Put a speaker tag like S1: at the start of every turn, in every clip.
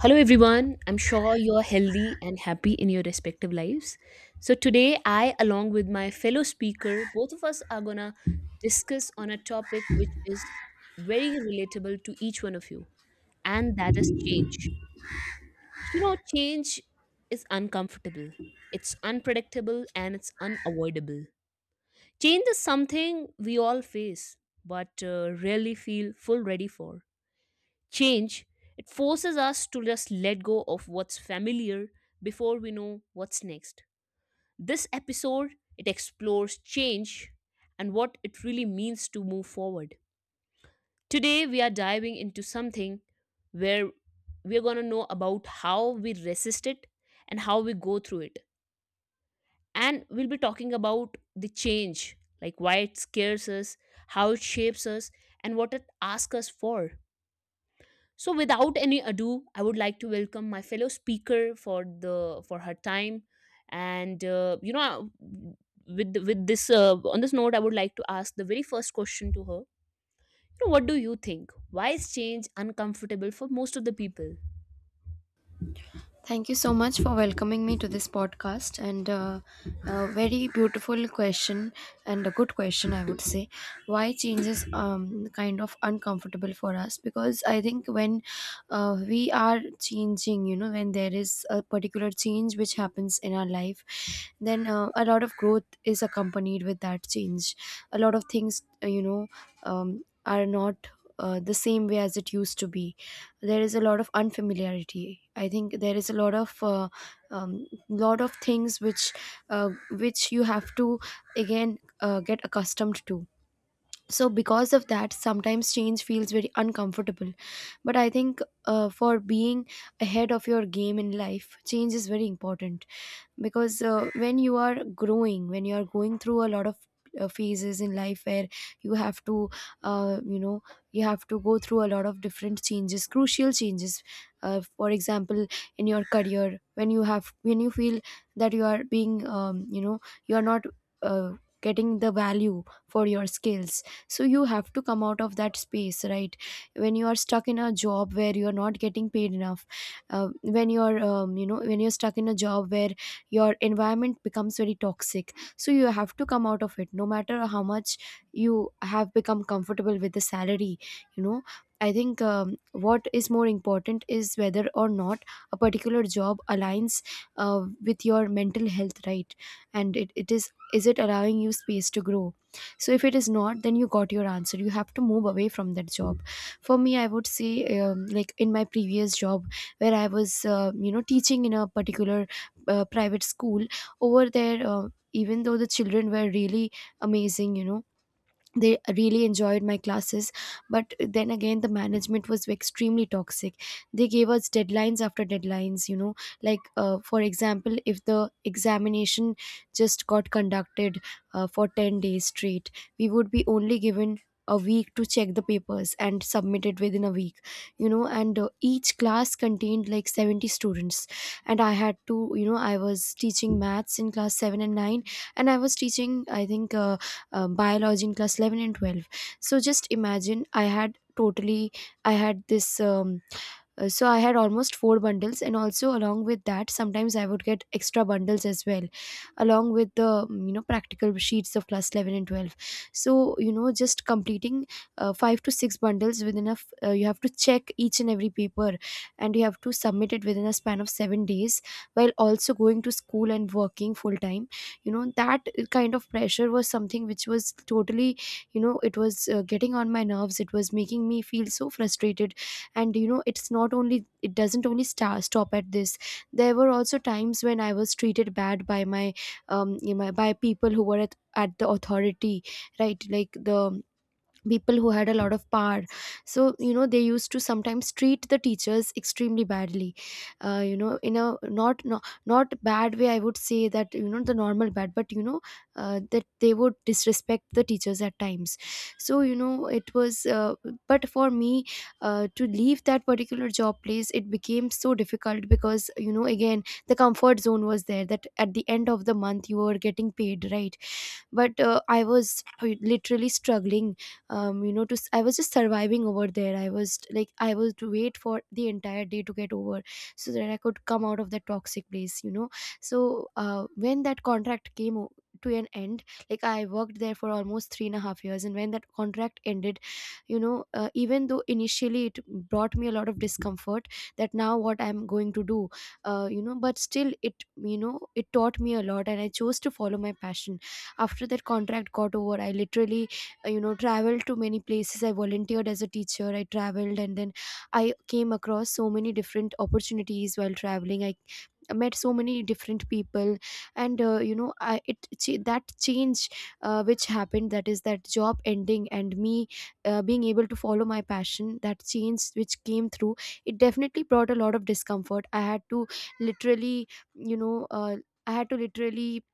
S1: Hello, everyone. I'm sure you're healthy and happy in your respective lives. So, today, I, along with my fellow speaker, both of us are gonna discuss on a topic which is very relatable to each one of you, and that is change. You know, change is uncomfortable, it's unpredictable, and it's unavoidable. Change is something we all face, but rarely feel full ready for. Change, it forces us to just let go of what's familiar before we know what's next. This episode, it explores change and what it really means to move forward. Today, we are diving into something where we're going to know about how we resist it and how we go through it. And we'll be talking about the change, like why it scares us, how it shapes us, and what it asks us for. So without any ado, I would like to welcome my fellow speaker for the for her time, and with this on this note, I would like to ask the very first question to her. You know, what do you think? Why is change uncomfortable for most of the people?
S2: Thank you so much for welcoming me to this podcast, and a very beautiful question and a good question, I would say. Why change is kind of uncomfortable for us? Because I think when we are changing, when there is a particular change which happens in our life, then a lot of growth is accompanied with that change. A lot of things, are not the same way as it used to be. There is a lot of unfamiliarity. I think there is a lot of things which you have to again get accustomed to. So because of that, sometimes change feels very uncomfortable. But I think, for being ahead of your game in life, change is very important. Because when you are growing, when you are going through a lot of phases in life where you have to, uh, you know you have to go through a lot of different changes, crucial changes. For example, in your career, when you have, when you feel that you are being, you are not uh, getting the value for your skills, so you have to come out of that space, right? When you are stuck in a job where you are not getting paid enough, when you are, when you're stuck in a job where your environment becomes very toxic, so you have to come out of it no matter how much you have become comfortable with the salary. you know I think what is more important is whether or not a particular job aligns uh, with your mental health, right? And it is it allowing you space to grow? So if it is not, then you got your answer. You have to move away from that job. For me, I would say, like in my previous job, where I was teaching in a particular private school. Over there, even though the children were really amazing, they really enjoyed my classes, but then again, the management was extremely toxic. They gave us deadlines after deadlines, like for example, if the examination just got conducted for 10 days straight, we would be only given a week to check the papers and submit it within a week. And each class contained like 70 students, and I had to, I was teaching maths in class 7 and 9, and I was teaching, I think, biology in class 11 and 12. So just imagine, I had totally, I had this, so I had almost four bundles, and also along with that, sometimes I would get extra bundles as well, along with the practical sheets of class 11 and 12. So, just completing five to six bundles within a you have to check each and every paper, and you have to submit it within a span of 7 days, while also going to school and working full time. That kind of pressure was something which was totally, it was getting on my nerves. It was making me feel so frustrated. And it's not only, it doesn't only sta stop at this. There were also times when I was treated bad by my, by people who were at the authority, right? Like the people who had a lot of power. So they used to sometimes treat the teachers extremely badly, in a not, not not bad way, I would say. That the normal bad. But that they would disrespect the teachers at times. So you know it was but for me, to leave that particular job place, it became so difficult, because again, the comfort zone was there, that at the end of the month you were getting paid, right? But I was literally struggling. To I was just surviving over there. I was like, I was to wait for the entire day to get over, so that I could come out of that toxic place. So when that contract came to an end, like I worked there for almost 3.5 years, and when that contract ended, even though initially it brought me a lot of discomfort, that now what I'm going to do, but still it, it taught me a lot, and I chose to follow my passion. After that contract got over, I literally, traveled to many places. I volunteered as a teacher. I traveled, and then I came across so many different opportunities while traveling. I met so many different people, and that change which happened, that is, that job ending and me being able to follow my passion, that change which came through, it definitely brought a lot of discomfort. I had to, literally, you know uh, I had to literally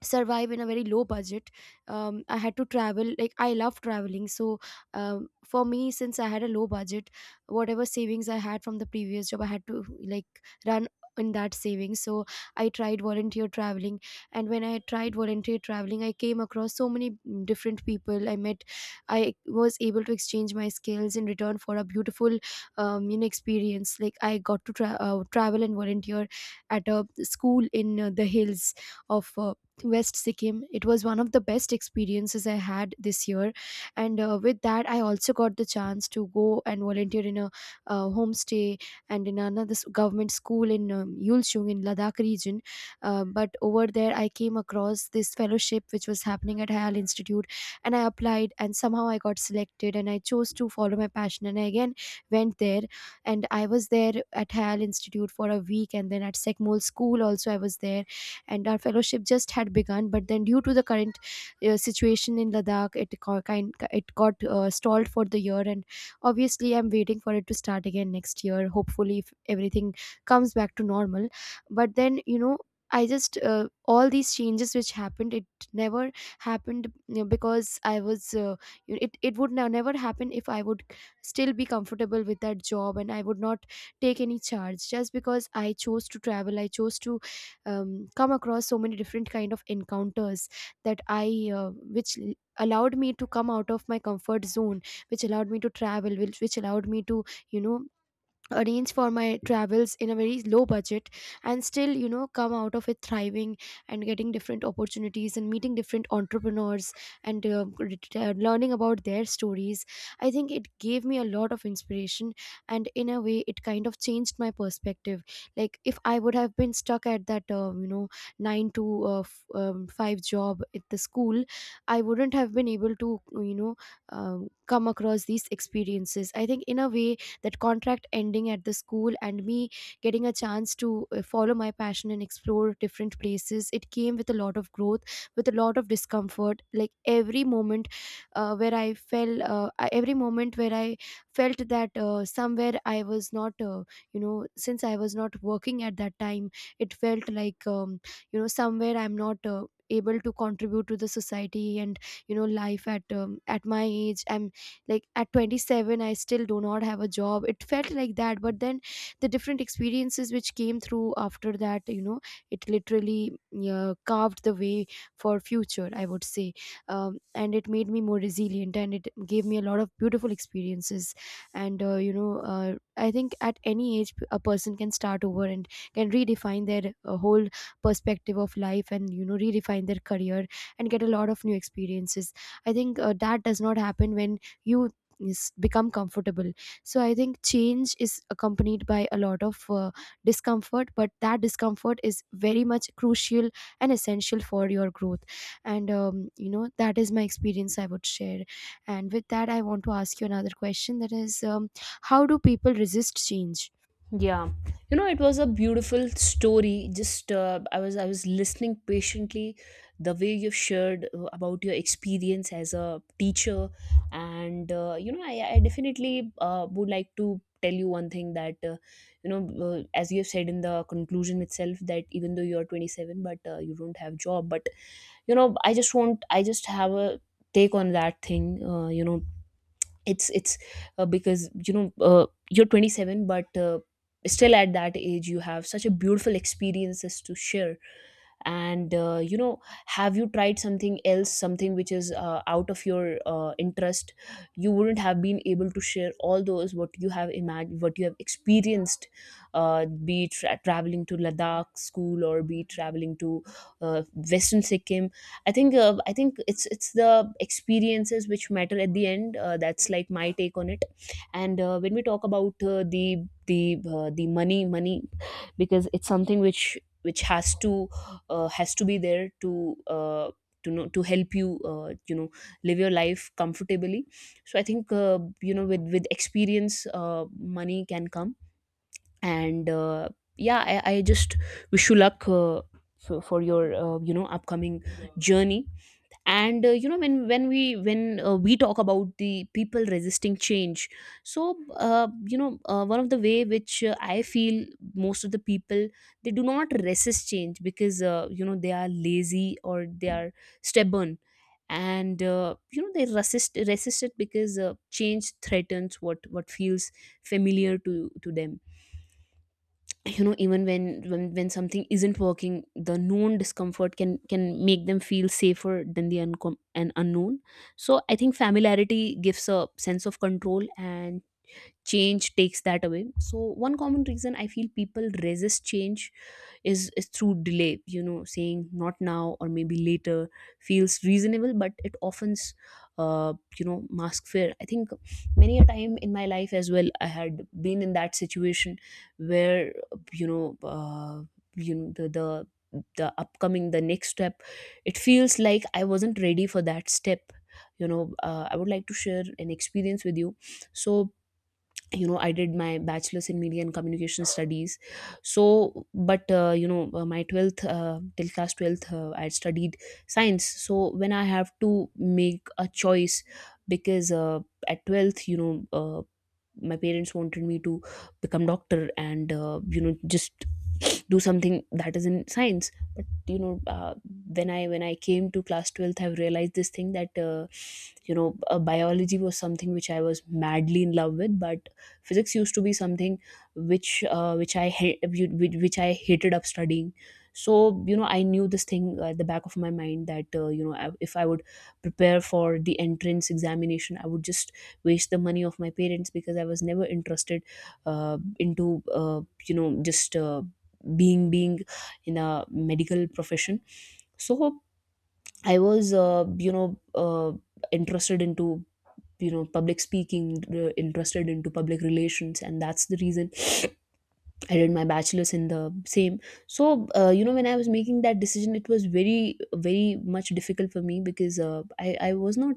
S2: survive in a very low budget. I had to travel. Like, I love traveling, so for me, since I had a low budget, whatever savings I had from the previous job, I had to, like, run in that savings. So I tried volunteer traveling, and when I tried volunteer traveling, I came across so many different people I met. I was able to exchange my skills in return for a beautiful, experience. Like, I got to travel and volunteer at a school in the hills of West Sikkim. It was one of the best experiences I had this year, and with that, I also got the chance to go and volunteer in a homestay, and in another government school in Yulchung, in Ladakh region. But over there, I came across this fellowship which was happening at Hayal Institute, and I applied, and somehow I got selected, and I chose to follow my passion, and I again went there, and I was there at Hayal Institute for a week, and then at Sekmol School also I was there. And our fellowship just had begun, but then, due to the current situation in Ladakh, it kind it got stalled for the year, and obviously I'm waiting for it to start again next year, hopefully, if everything comes back to normal. But then, I just all these changes which happened, it never happened, because I was, it would now never happen if I would still be comfortable with that job, and I would not take any charge. Just because I chose to travel, I chose to come across so many different kind of encounters, that I allowed me to come out of my comfort zone, which allowed me to travel, which allowed me to, you know arrange for my travels in a very low budget, and still, come out of it thriving, and getting different opportunities and meeting different entrepreneurs, and learning about their stories. I think it gave me a lot of inspiration, and in a way, it kind of changed my perspective. Like, if I would have been stuck at that, 9 to 5 job at the school, I wouldn't have been able to, come across these experiences. I think, in a way, that contract ending at the school and me getting a chance to follow my passion and explore different places, it came with a lot of growth, with a lot of discomfort. Like, every moment where every moment where I felt that somewhere I was not, since I was not working at that time, it felt like, somewhere I'm not able to contribute to the society. And life at, at my age, I'm, like, at 27, I still do not have a job. It felt like that. But then the different experiences which came through after that, it literally, yeah, carved the way for future, I would say. And it made me more resilient, and it gave me a lot of beautiful experiences. And I think at any age, a person can start over and can redefine their whole perspective of life, and redefine their career, and get a lot of new experiences. I think that does not happen when you is become comfortable. So I think change is accompanied by a lot of discomfort, but that discomfort is very much crucial and essential for your growth. And you know, that is my experience I would share. And with that I want to ask you another question, that is, how do people resist change?
S1: Yeah, you know, it was a beautiful story. Just I was listening patiently, the way you have shared about your experience as a teacher, and you know, I definitely would like to tell you one thing that you know, as you have said in the conclusion itself, that even though you are 27, but you don't have job, but you know, I just have a take on that thing. You know, it's because you know you're 27, but still at that age you have such a beautiful experiences to share, and you know, have you tried something else, something which is out of your interest? You wouldn't have been able to share all those what you have imagined, what you have experienced, be it traveling to Ladakh school or be it traveling to uh, Western Sikkim. I think I think it's the experiences which matter at the end. That's like my take on it. And when we talk about the money, because it's something which has to be there to know to help you you know, live your life comfortably. So I think you know, with with experience, money can come. And yeah, I just wish you luck for your you know, upcoming journey. And you know, when we talk about the people resisting change. So you know, one of the way which I feel most of the people, they do not resist change because you know, they are lazy or they are stubborn, and you know, they resist it because change threatens what feels familiar to them. You know, even when something isn't working, the known discomfort can make them feel safer than the and unknown. So I think familiarity gives a sense of control, and change takes that away. So one common reason I feel people resist change is through delay. You know, saying "not now" or "maybe later" feels reasonable, but it often you know, mask fear. I think many a time in my life as well I had been in that situation where you know uh, you know, the upcoming, the next step, it feels like I wasn't ready for that step. You know, I would like to share an experience with you. So you know, I did my bachelor's in media and communication studies. So but you know, my 12th, till class 12th, I had studied science. So when I have to make a choice, because at 12th, you know, my parents wanted me to become doctor and you know, just do something that is in science. You know, when I came to class 12th, I've realized this thing that you know, biology was something which I was madly in love with, but physics used to be something which I hate which I hated up studying. So you know, I knew this thing at the back of my mind that you know, if I would prepare for the entrance examination, I would just waste the money of my parents, because I was never interested uh, into you know just being in a medical profession. So I was you know, uh, interested into, you know, public speaking, interested into public relations, and that's the reason I did my bachelor's in the same. So, you know, when I was making that decision, it was very, very much difficult for me, because I was not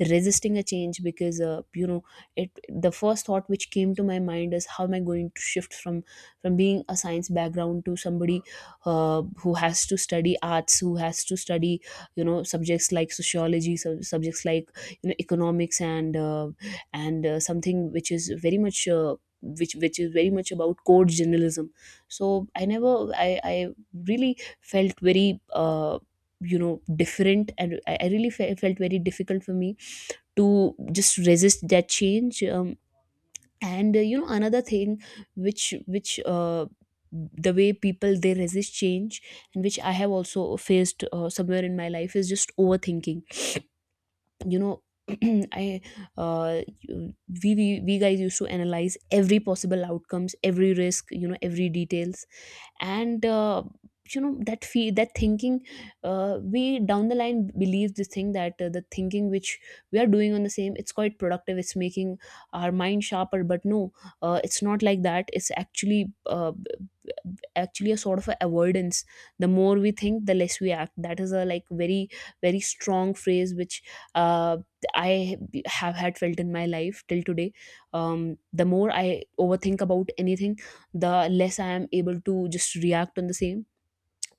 S1: resisting a change because, you know, it, the first thought which came to my mind is how am I going to shift from being a science background to somebody who has to study arts, who has to study, you know, subjects like sociology, subjects like, you know, economics, and something which is very much which is very much about code journalism. So I never I really felt very you know, different, and I really felt very difficult for me to just resist that change. And you know, another thing which the way people, they resist change, and which I have also faced somewhere in my life, is just overthinking. You know, i uh you- we, we guys used to analyze every possible outcomes, every risk, you know, every details. And you know, that thinking, we down the line believe this thing that the thinking which we are doing on the same, it's quite productive, it's making our mind sharper. But no, it's not like that. It's actually a sort of a avoidance. The more we think, the less we act. That is a like very, very strong phrase which uh, I have had felt in my life till today. The more I overthink about anything, the less I am able to just react on the same.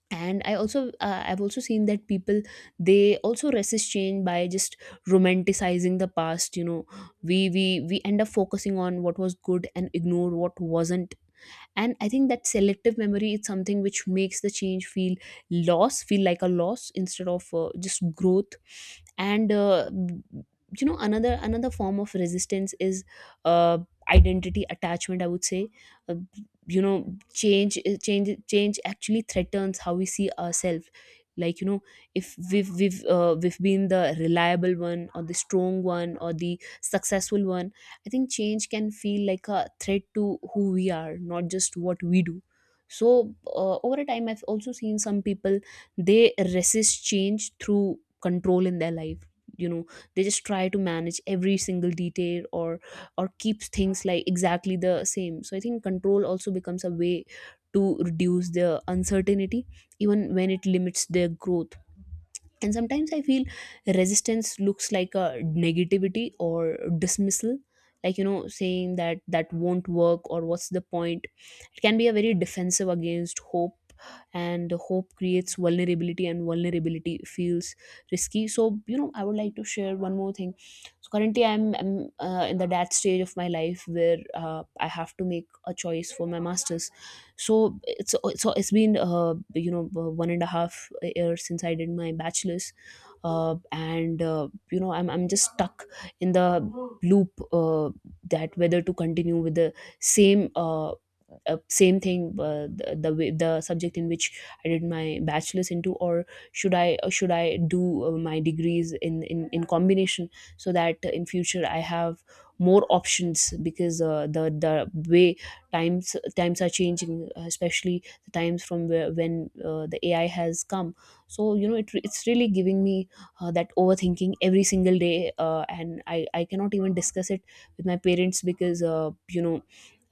S1: And I also I've also seen that people, they also resist change by just romanticizing the past. You know, we end up focusing on what was good and ignore what wasn't. And I think that selective memory is something which makes the change feel loss feel like a loss instead of just growth. And you know, another form of resistance is uh, identity attachment, I would say. uh, you know, change actually threatens how we see ourselves. Like, you know, if we've been the reliable one or the strong one or the successful one, I think change can feel like a threat to who we are, not just what we do. So, over a time, I've also seen some people, they resist change through control in their life. You know, they just try to manage every single detail or keep things like exactly the same. So I think control also becomes a way to reduce their uncertainty, even when it limits their growth. And sometimes I feel resistance looks like a negativity or dismissal, like, saying that, that won't work, or what's the point? It can be a very defensive against hope, and hope creates vulnerability, and vulnerability feels risky. So, I would like to share one more thing. So currently I'm in the that stage of my life where I have to make a choice for my masters. so it's so it's been 1.5 years since I did my bachelor's. And I'm just stuck in the loop, that whether to continue with the same uh, same thing, the subject in which I did my bachelor's into, or should I do my degrees in combination, so that in future I have more options, because the way times are changing, especially the times from when the AI has come. So it's really giving me that overthinking every single day, and I cannot even discuss it with my parents, because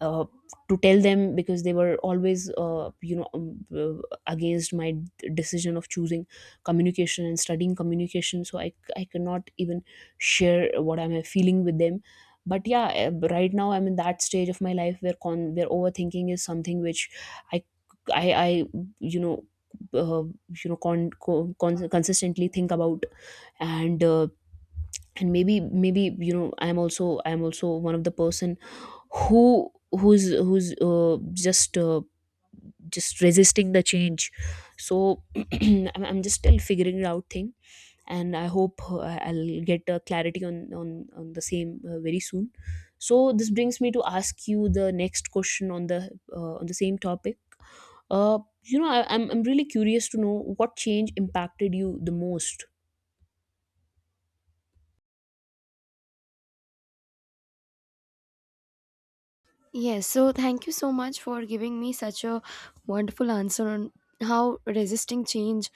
S1: uh, to tell them, because they were always uh, against my decision of choosing communication and studying communication. So I cannot even share what I'm feeling with them. But yeah, right now I'm in that stage of my life where con where overthinking is something which i i i you know uh, consistently think about. And uh, and maybe I'm also one of the person who's just resisting the change. So I'm just still figuring it out thing, and I hope I'll get clarity on the same, very soon. So this brings me to ask you the next question on the same topic. I'm really curious to know what change impacted you the most.
S2: Yes, so thank you so much for giving me such a wonderful answer on how resisting change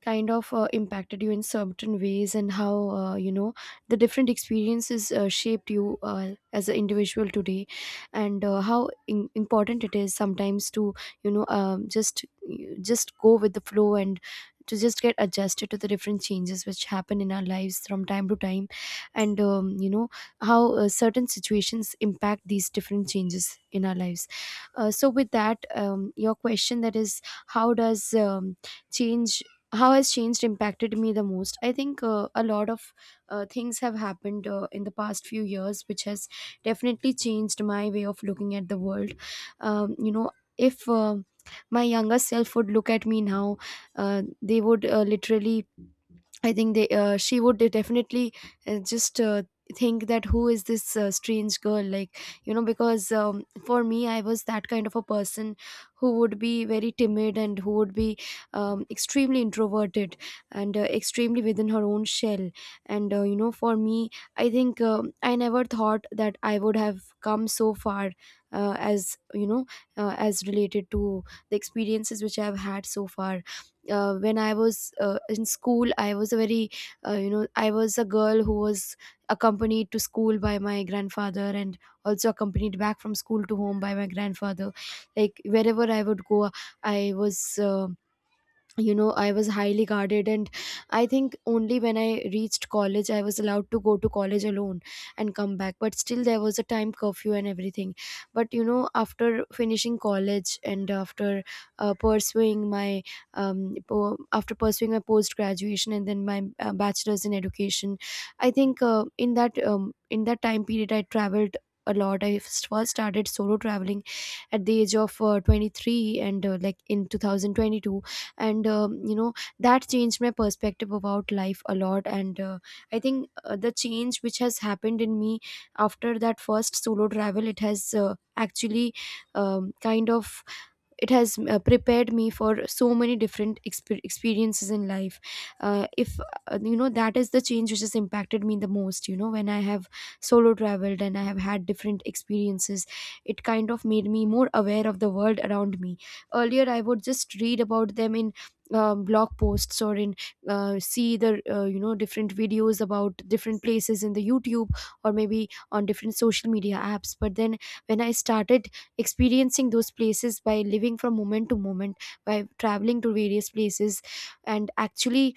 S2: kind of impacted you in certain ways, and how you know, the different experiences shaped you as an individual today, and how important it is sometimes to, you know, just go with the flow, and to just get adjusted to the different changes which happen in our lives from time to time. And you know, how certain situations impact these different changes in our lives. So with that, your question, that is, how does change, how has changed impacted me the most? I think a lot of things have happened in the past few years which has definitely changed my way of looking at the world. You know, if my younger self would look at me now, they would literally, I think they, she would definitely just think that, who is this strange girl, like you know, because for me, I was that kind of a person who would be very timid, and who would be extremely introverted, and extremely within her own shell. And you know, for me, I think I never thought that I would have come so far, as you know, as related to the experiences which I have had so far. When I was in school, I was a very, you know, I was a girl who was accompanied to school by my grandfather, and also accompanied back from school to home by my grandfather. Like, wherever I would go, I was, you know, I was highly guarded. And I think only when I reached college, I was allowed to go to college alone and come back, but still there was a time curfew and everything. But you know, after finishing college, and after pursuing my after pursuing my post graduation, and then my bachelor's in education, I think in that, in that time period I traveled a lot. I first started solo traveling at the age of 23, and like in 2022. And you know, that changed my perspective about life a lot. And I think the change which has happened in me after that first solo travel, it has actually, kind of, it has prepared me for so many different experiences in life. If, you know, that is the change which has impacted me the most. You know, when I have solo traveled and I have had different experiences, it kind of made me more aware of the world around me. Earlier I would just read about them in blog posts, or in, see the you know, different videos about different places in the YouTube, or maybe on different social media apps. But then when I started experiencing those places by living from moment to moment, by traveling to various places, and actually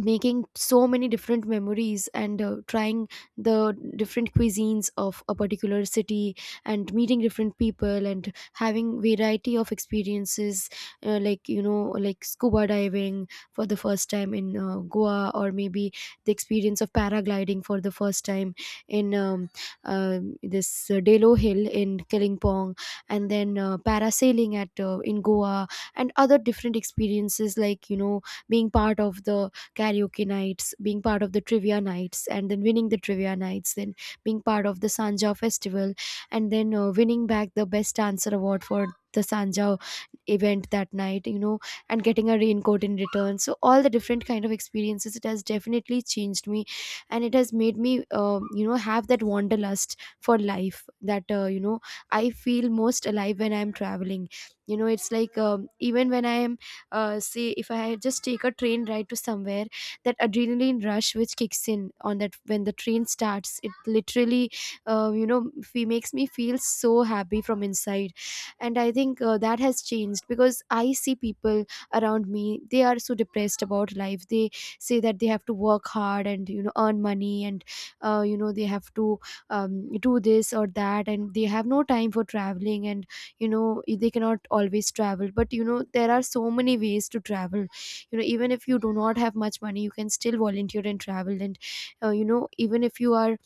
S2: making so many different memories, and trying the different cuisines of a particular city, and meeting different people, and having variety of experiences, like you know, like scuba diving for the first time in Goa, or maybe the experience of paragliding for the first time in this Delo Hill in Kalimpong, and then parasailing at, in Goa, and other different experiences, like you know, being part of the karaoke nights, being part of the trivia nights, and then winning the trivia nights, then being part of the Sanja festival, and then winning back the best dancer award for the Sanja event that night, you know, and getting a raincoat in return. So all the different kind of experiences, it has definitely changed me, and it has made me, you know, have that wanderlust for life. That, you know, I feel most alive when I'm traveling. You know, it's like, even when I am, say, if I just take a train ride to somewhere, that adrenaline rush which kicks in on that, when the train starts, it literally, you know, fe makes me feel so happy from inside. And I think that has changed, because I see people around me, they are so depressed about life. They say that they have to work hard, and you know, earn money, and you know, they have to um, do this or that, and they have no time for traveling. And you know, they cannot always travel, but you know, there are so many ways to travel. You know, even if you do not have much money, you can still volunteer and travel. And you know, even if you are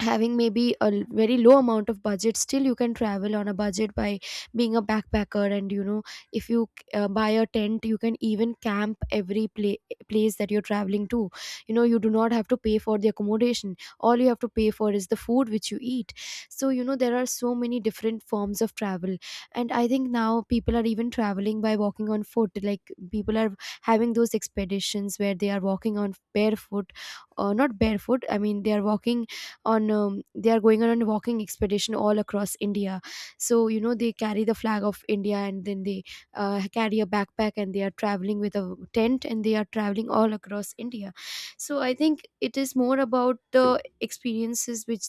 S2: having maybe a very low amount of budget, still you can travel on a budget by being a backpacker. And you know, if you buy a tent, you can even camp every place that you're traveling to. You know, you do not have to pay for the accommodation, all you have to pay for is the food which you eat. So you know, there are so many different forms of travel. And I think now people are even traveling by walking on foot. Like, people are having those expeditions where they are walking on barefoot, not barefoot, I mean they are walking on, they are going on a walking expedition all across India. So you know, they carry the flag of India, and then they carry a backpack, and they are traveling with a tent, and they are traveling all across India. So I think it is more about the experiences which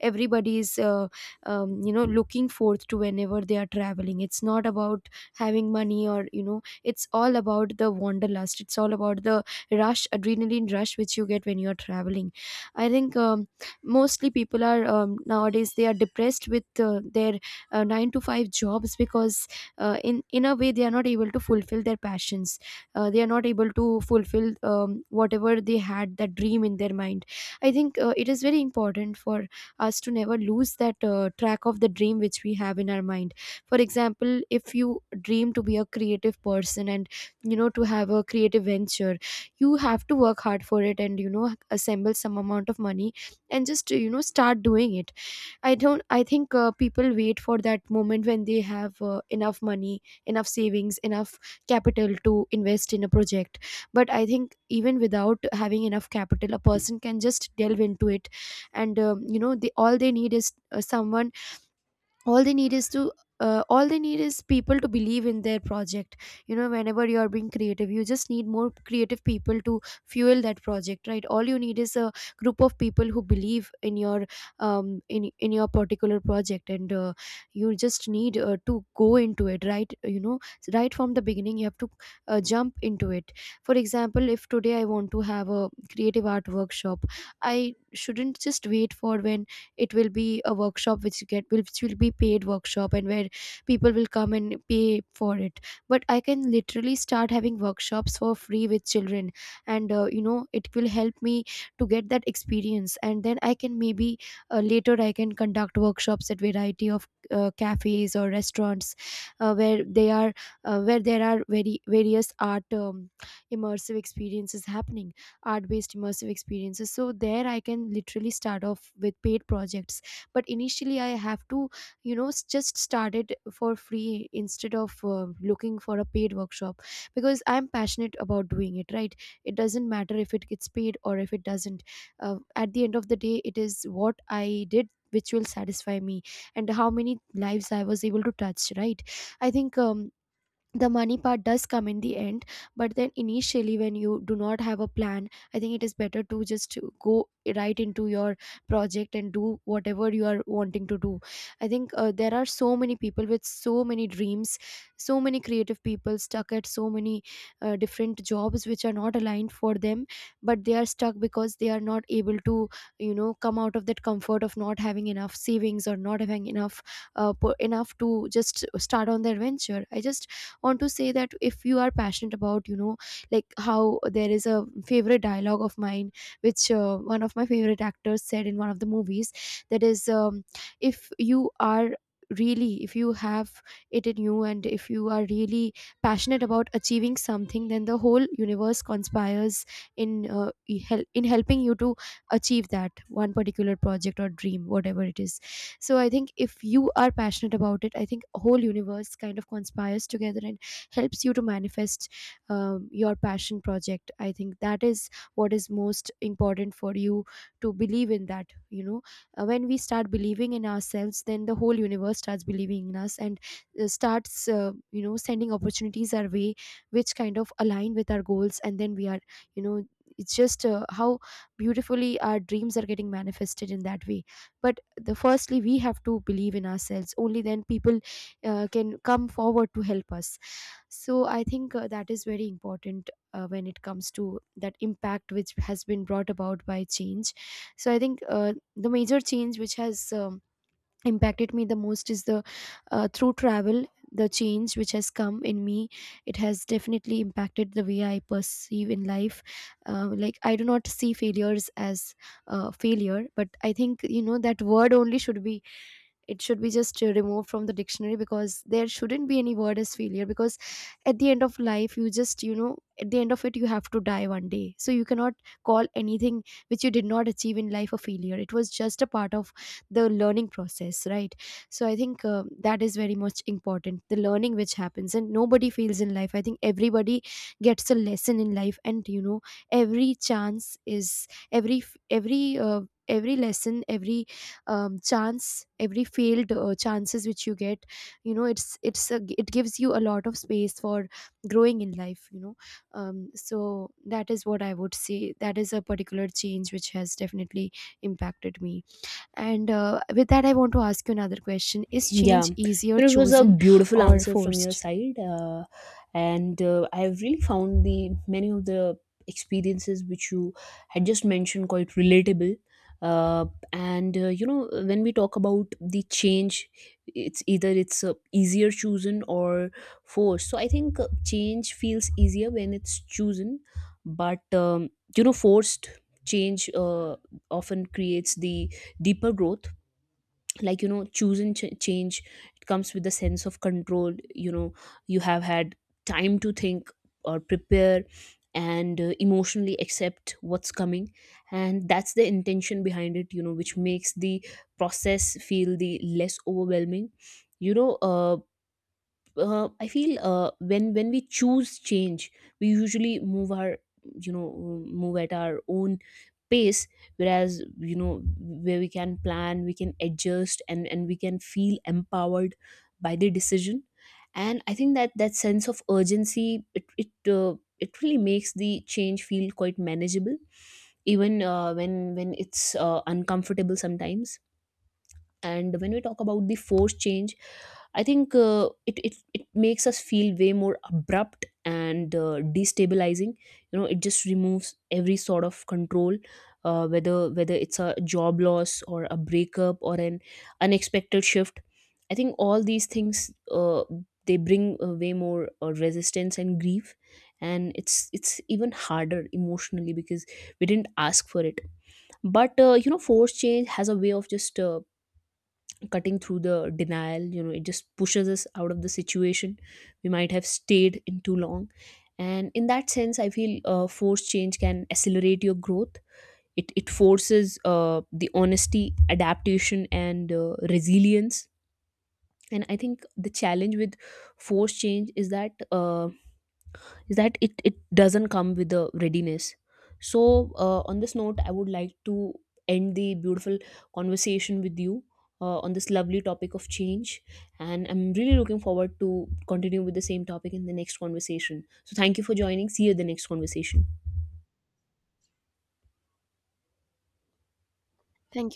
S2: everybody is, you know, looking forth to whenever they are traveling. It's not about having money, or you know, it's all about the wanderlust, it's all about the rush, adrenaline rush which you get when you are traveling. I think mostly people are, nowadays they are depressed with their 9 to 5 jobs, because in a way they are not able to fulfill their passions. They are not able to fulfill, whatever they had, that dream in their mind. I think it is very important for us to never lose that track of the dream which we have in our mind. For example, if you dream to be a creative person, and you know, to have a creative venture, you have to work hard for it, and you know, assemble some amount of money, and just, you know, start doing it. I don't, I think people wait for that moment when they have enough money, enough savings, enough capital to invest in a project. But I think even without having enough capital, a person can just delve into it. And you know, they all, they need is someone, all they need is to, all they need is people to believe in their project. You know, whenever you are being creative, you just need more creative people to fuel that project, right? All you need is a group of people who believe in your, um, in your particular project. And you just need to go into it, right? You know, right from the beginning you have to jump into it. For example, if today I want to have a creative art workshop, I shouldn't just wait for when it will be a workshop which you get, which will be paid workshop, and where people will come and pay for it. But I can literally start having workshops for free with children, and you know, it will help me to get that experience. And then I can maybe later I can conduct workshops at variety of cafes or restaurants, where they are, where there are very various art, immersive experiences happening, art based immersive experiences. So there I can literally start off with paid projects, but initially I have to, you know, just start it for free, instead of looking for a paid workshop, because I'm passionate about doing it, right? It doesn't matter if it gets paid or if it doesn't. At the end of the day, it is what I did which will satisfy me, and how many lives I was able to touch, right? I think the money part does come in the end. But then initially when you do not have a plan, I think it is better To just go right into your project and do whatever you are wanting to do. I think there are so many people with so many dreams, so many creative people stuck at so many different jobs which are not aligned for them, but they are stuck because they are not able to, you know, come out of that comfort of not having enough savings or not having enough enough to just start on their venture. I just want to say that if you are passionate about, you know, like how there is a favorite dialogue of mine which one of my favorite actors said in one of the movies, that is, if you are really, if you have it in you and if you are really passionate about achieving something, then the whole universe conspires in in helping you to achieve that one particular project or dream, whatever it is. So I think if you are passionate about it, I think whole universe kind of conspires together and helps you to manifest your passion project. I think that is what is most important for you, to believe in that, you know. When we start believing in ourselves, then the whole universe starts believing in us and starts, you know, sending opportunities our way which kind of align with our goals, and then we are, you know, it's just how beautifully our dreams are getting manifested in that way. But the firstly we have to believe in ourselves, only then people can come forward to help us. So I think that is very important when it comes to that impact which has been brought about by change. So I think the major change which has impacted me the most is the, through travel, the change which has come in me. It has definitely impacted the way I perceive in life. Uh, like I do not see failures as failure, but I think, you know, that word only should be, it should be just removed from the dictionary, because there shouldn't be any word as failure. Because at the end of life you just, you know, at the end of it you have to die one day, so you cannot call anything which you did not achieve in life a failure. It was just a part of the learning process, right? So I think that is very much important, the learning which happens, and nobody fails in life. I think everybody gets a lesson in life, and you know, every chance is every every uh, every lesson, every chance, every failed chances which you get, you know, it gives you a lot of space for growing in life, you know. Um, so that is what I would say, that is a particular change which has definitely impacted me. And with that I want to ask you another question: is
S1: Yeah,
S2: change easier
S1: it was a
S2: chosen
S1: beautiful
S2: or
S1: answer from your
S2: forced?
S1: side, and I have really found the many of the experiences which you had just mentioned quite relatable. Uh, and when we talk about the change, it's either it's easier chosen or forced. So I think change feels easier when it's chosen, but forced change often creates the deeper growth. Like, choosing change, it comes with a sense of control. You have had time to think or prepare and emotionally accept what's coming, and that's the intention behind it, which makes the process feel the less overwhelming. you know uh, I feel when we choose change, we usually move at our own pace. Whereas, where we can plan, we can adjust, and we can feel empowered by the decision. And I think that that sense of urgency, it really makes the change feel quite manageable, even when it's uncomfortable sometimes. And when we talk about the forced change, I think it makes us feel way more abrupt and destabilizing. You know, it just removes every sort of control, whether it's a job loss or a breakup or an unexpected shift. I think all these things, uh, they bring way more resistance and grief, and it's even harder emotionally because we didn't ask for it. But force change has a way of just cutting through the denial. It just pushes us out of the situation we might have stayed in too long. And in that sense, I feel forced change can accelerate your growth. It forces the honesty, adaptation, and resilience. And I think the challenge with forced change is that it doesn't come with the readiness. So, on this note I would like to end the beautiful conversation with you on this lovely topic of change, and I'm really looking forward to continue with the same topic in the next conversation. So thank you for joining. See you in the next conversation.
S2: Thank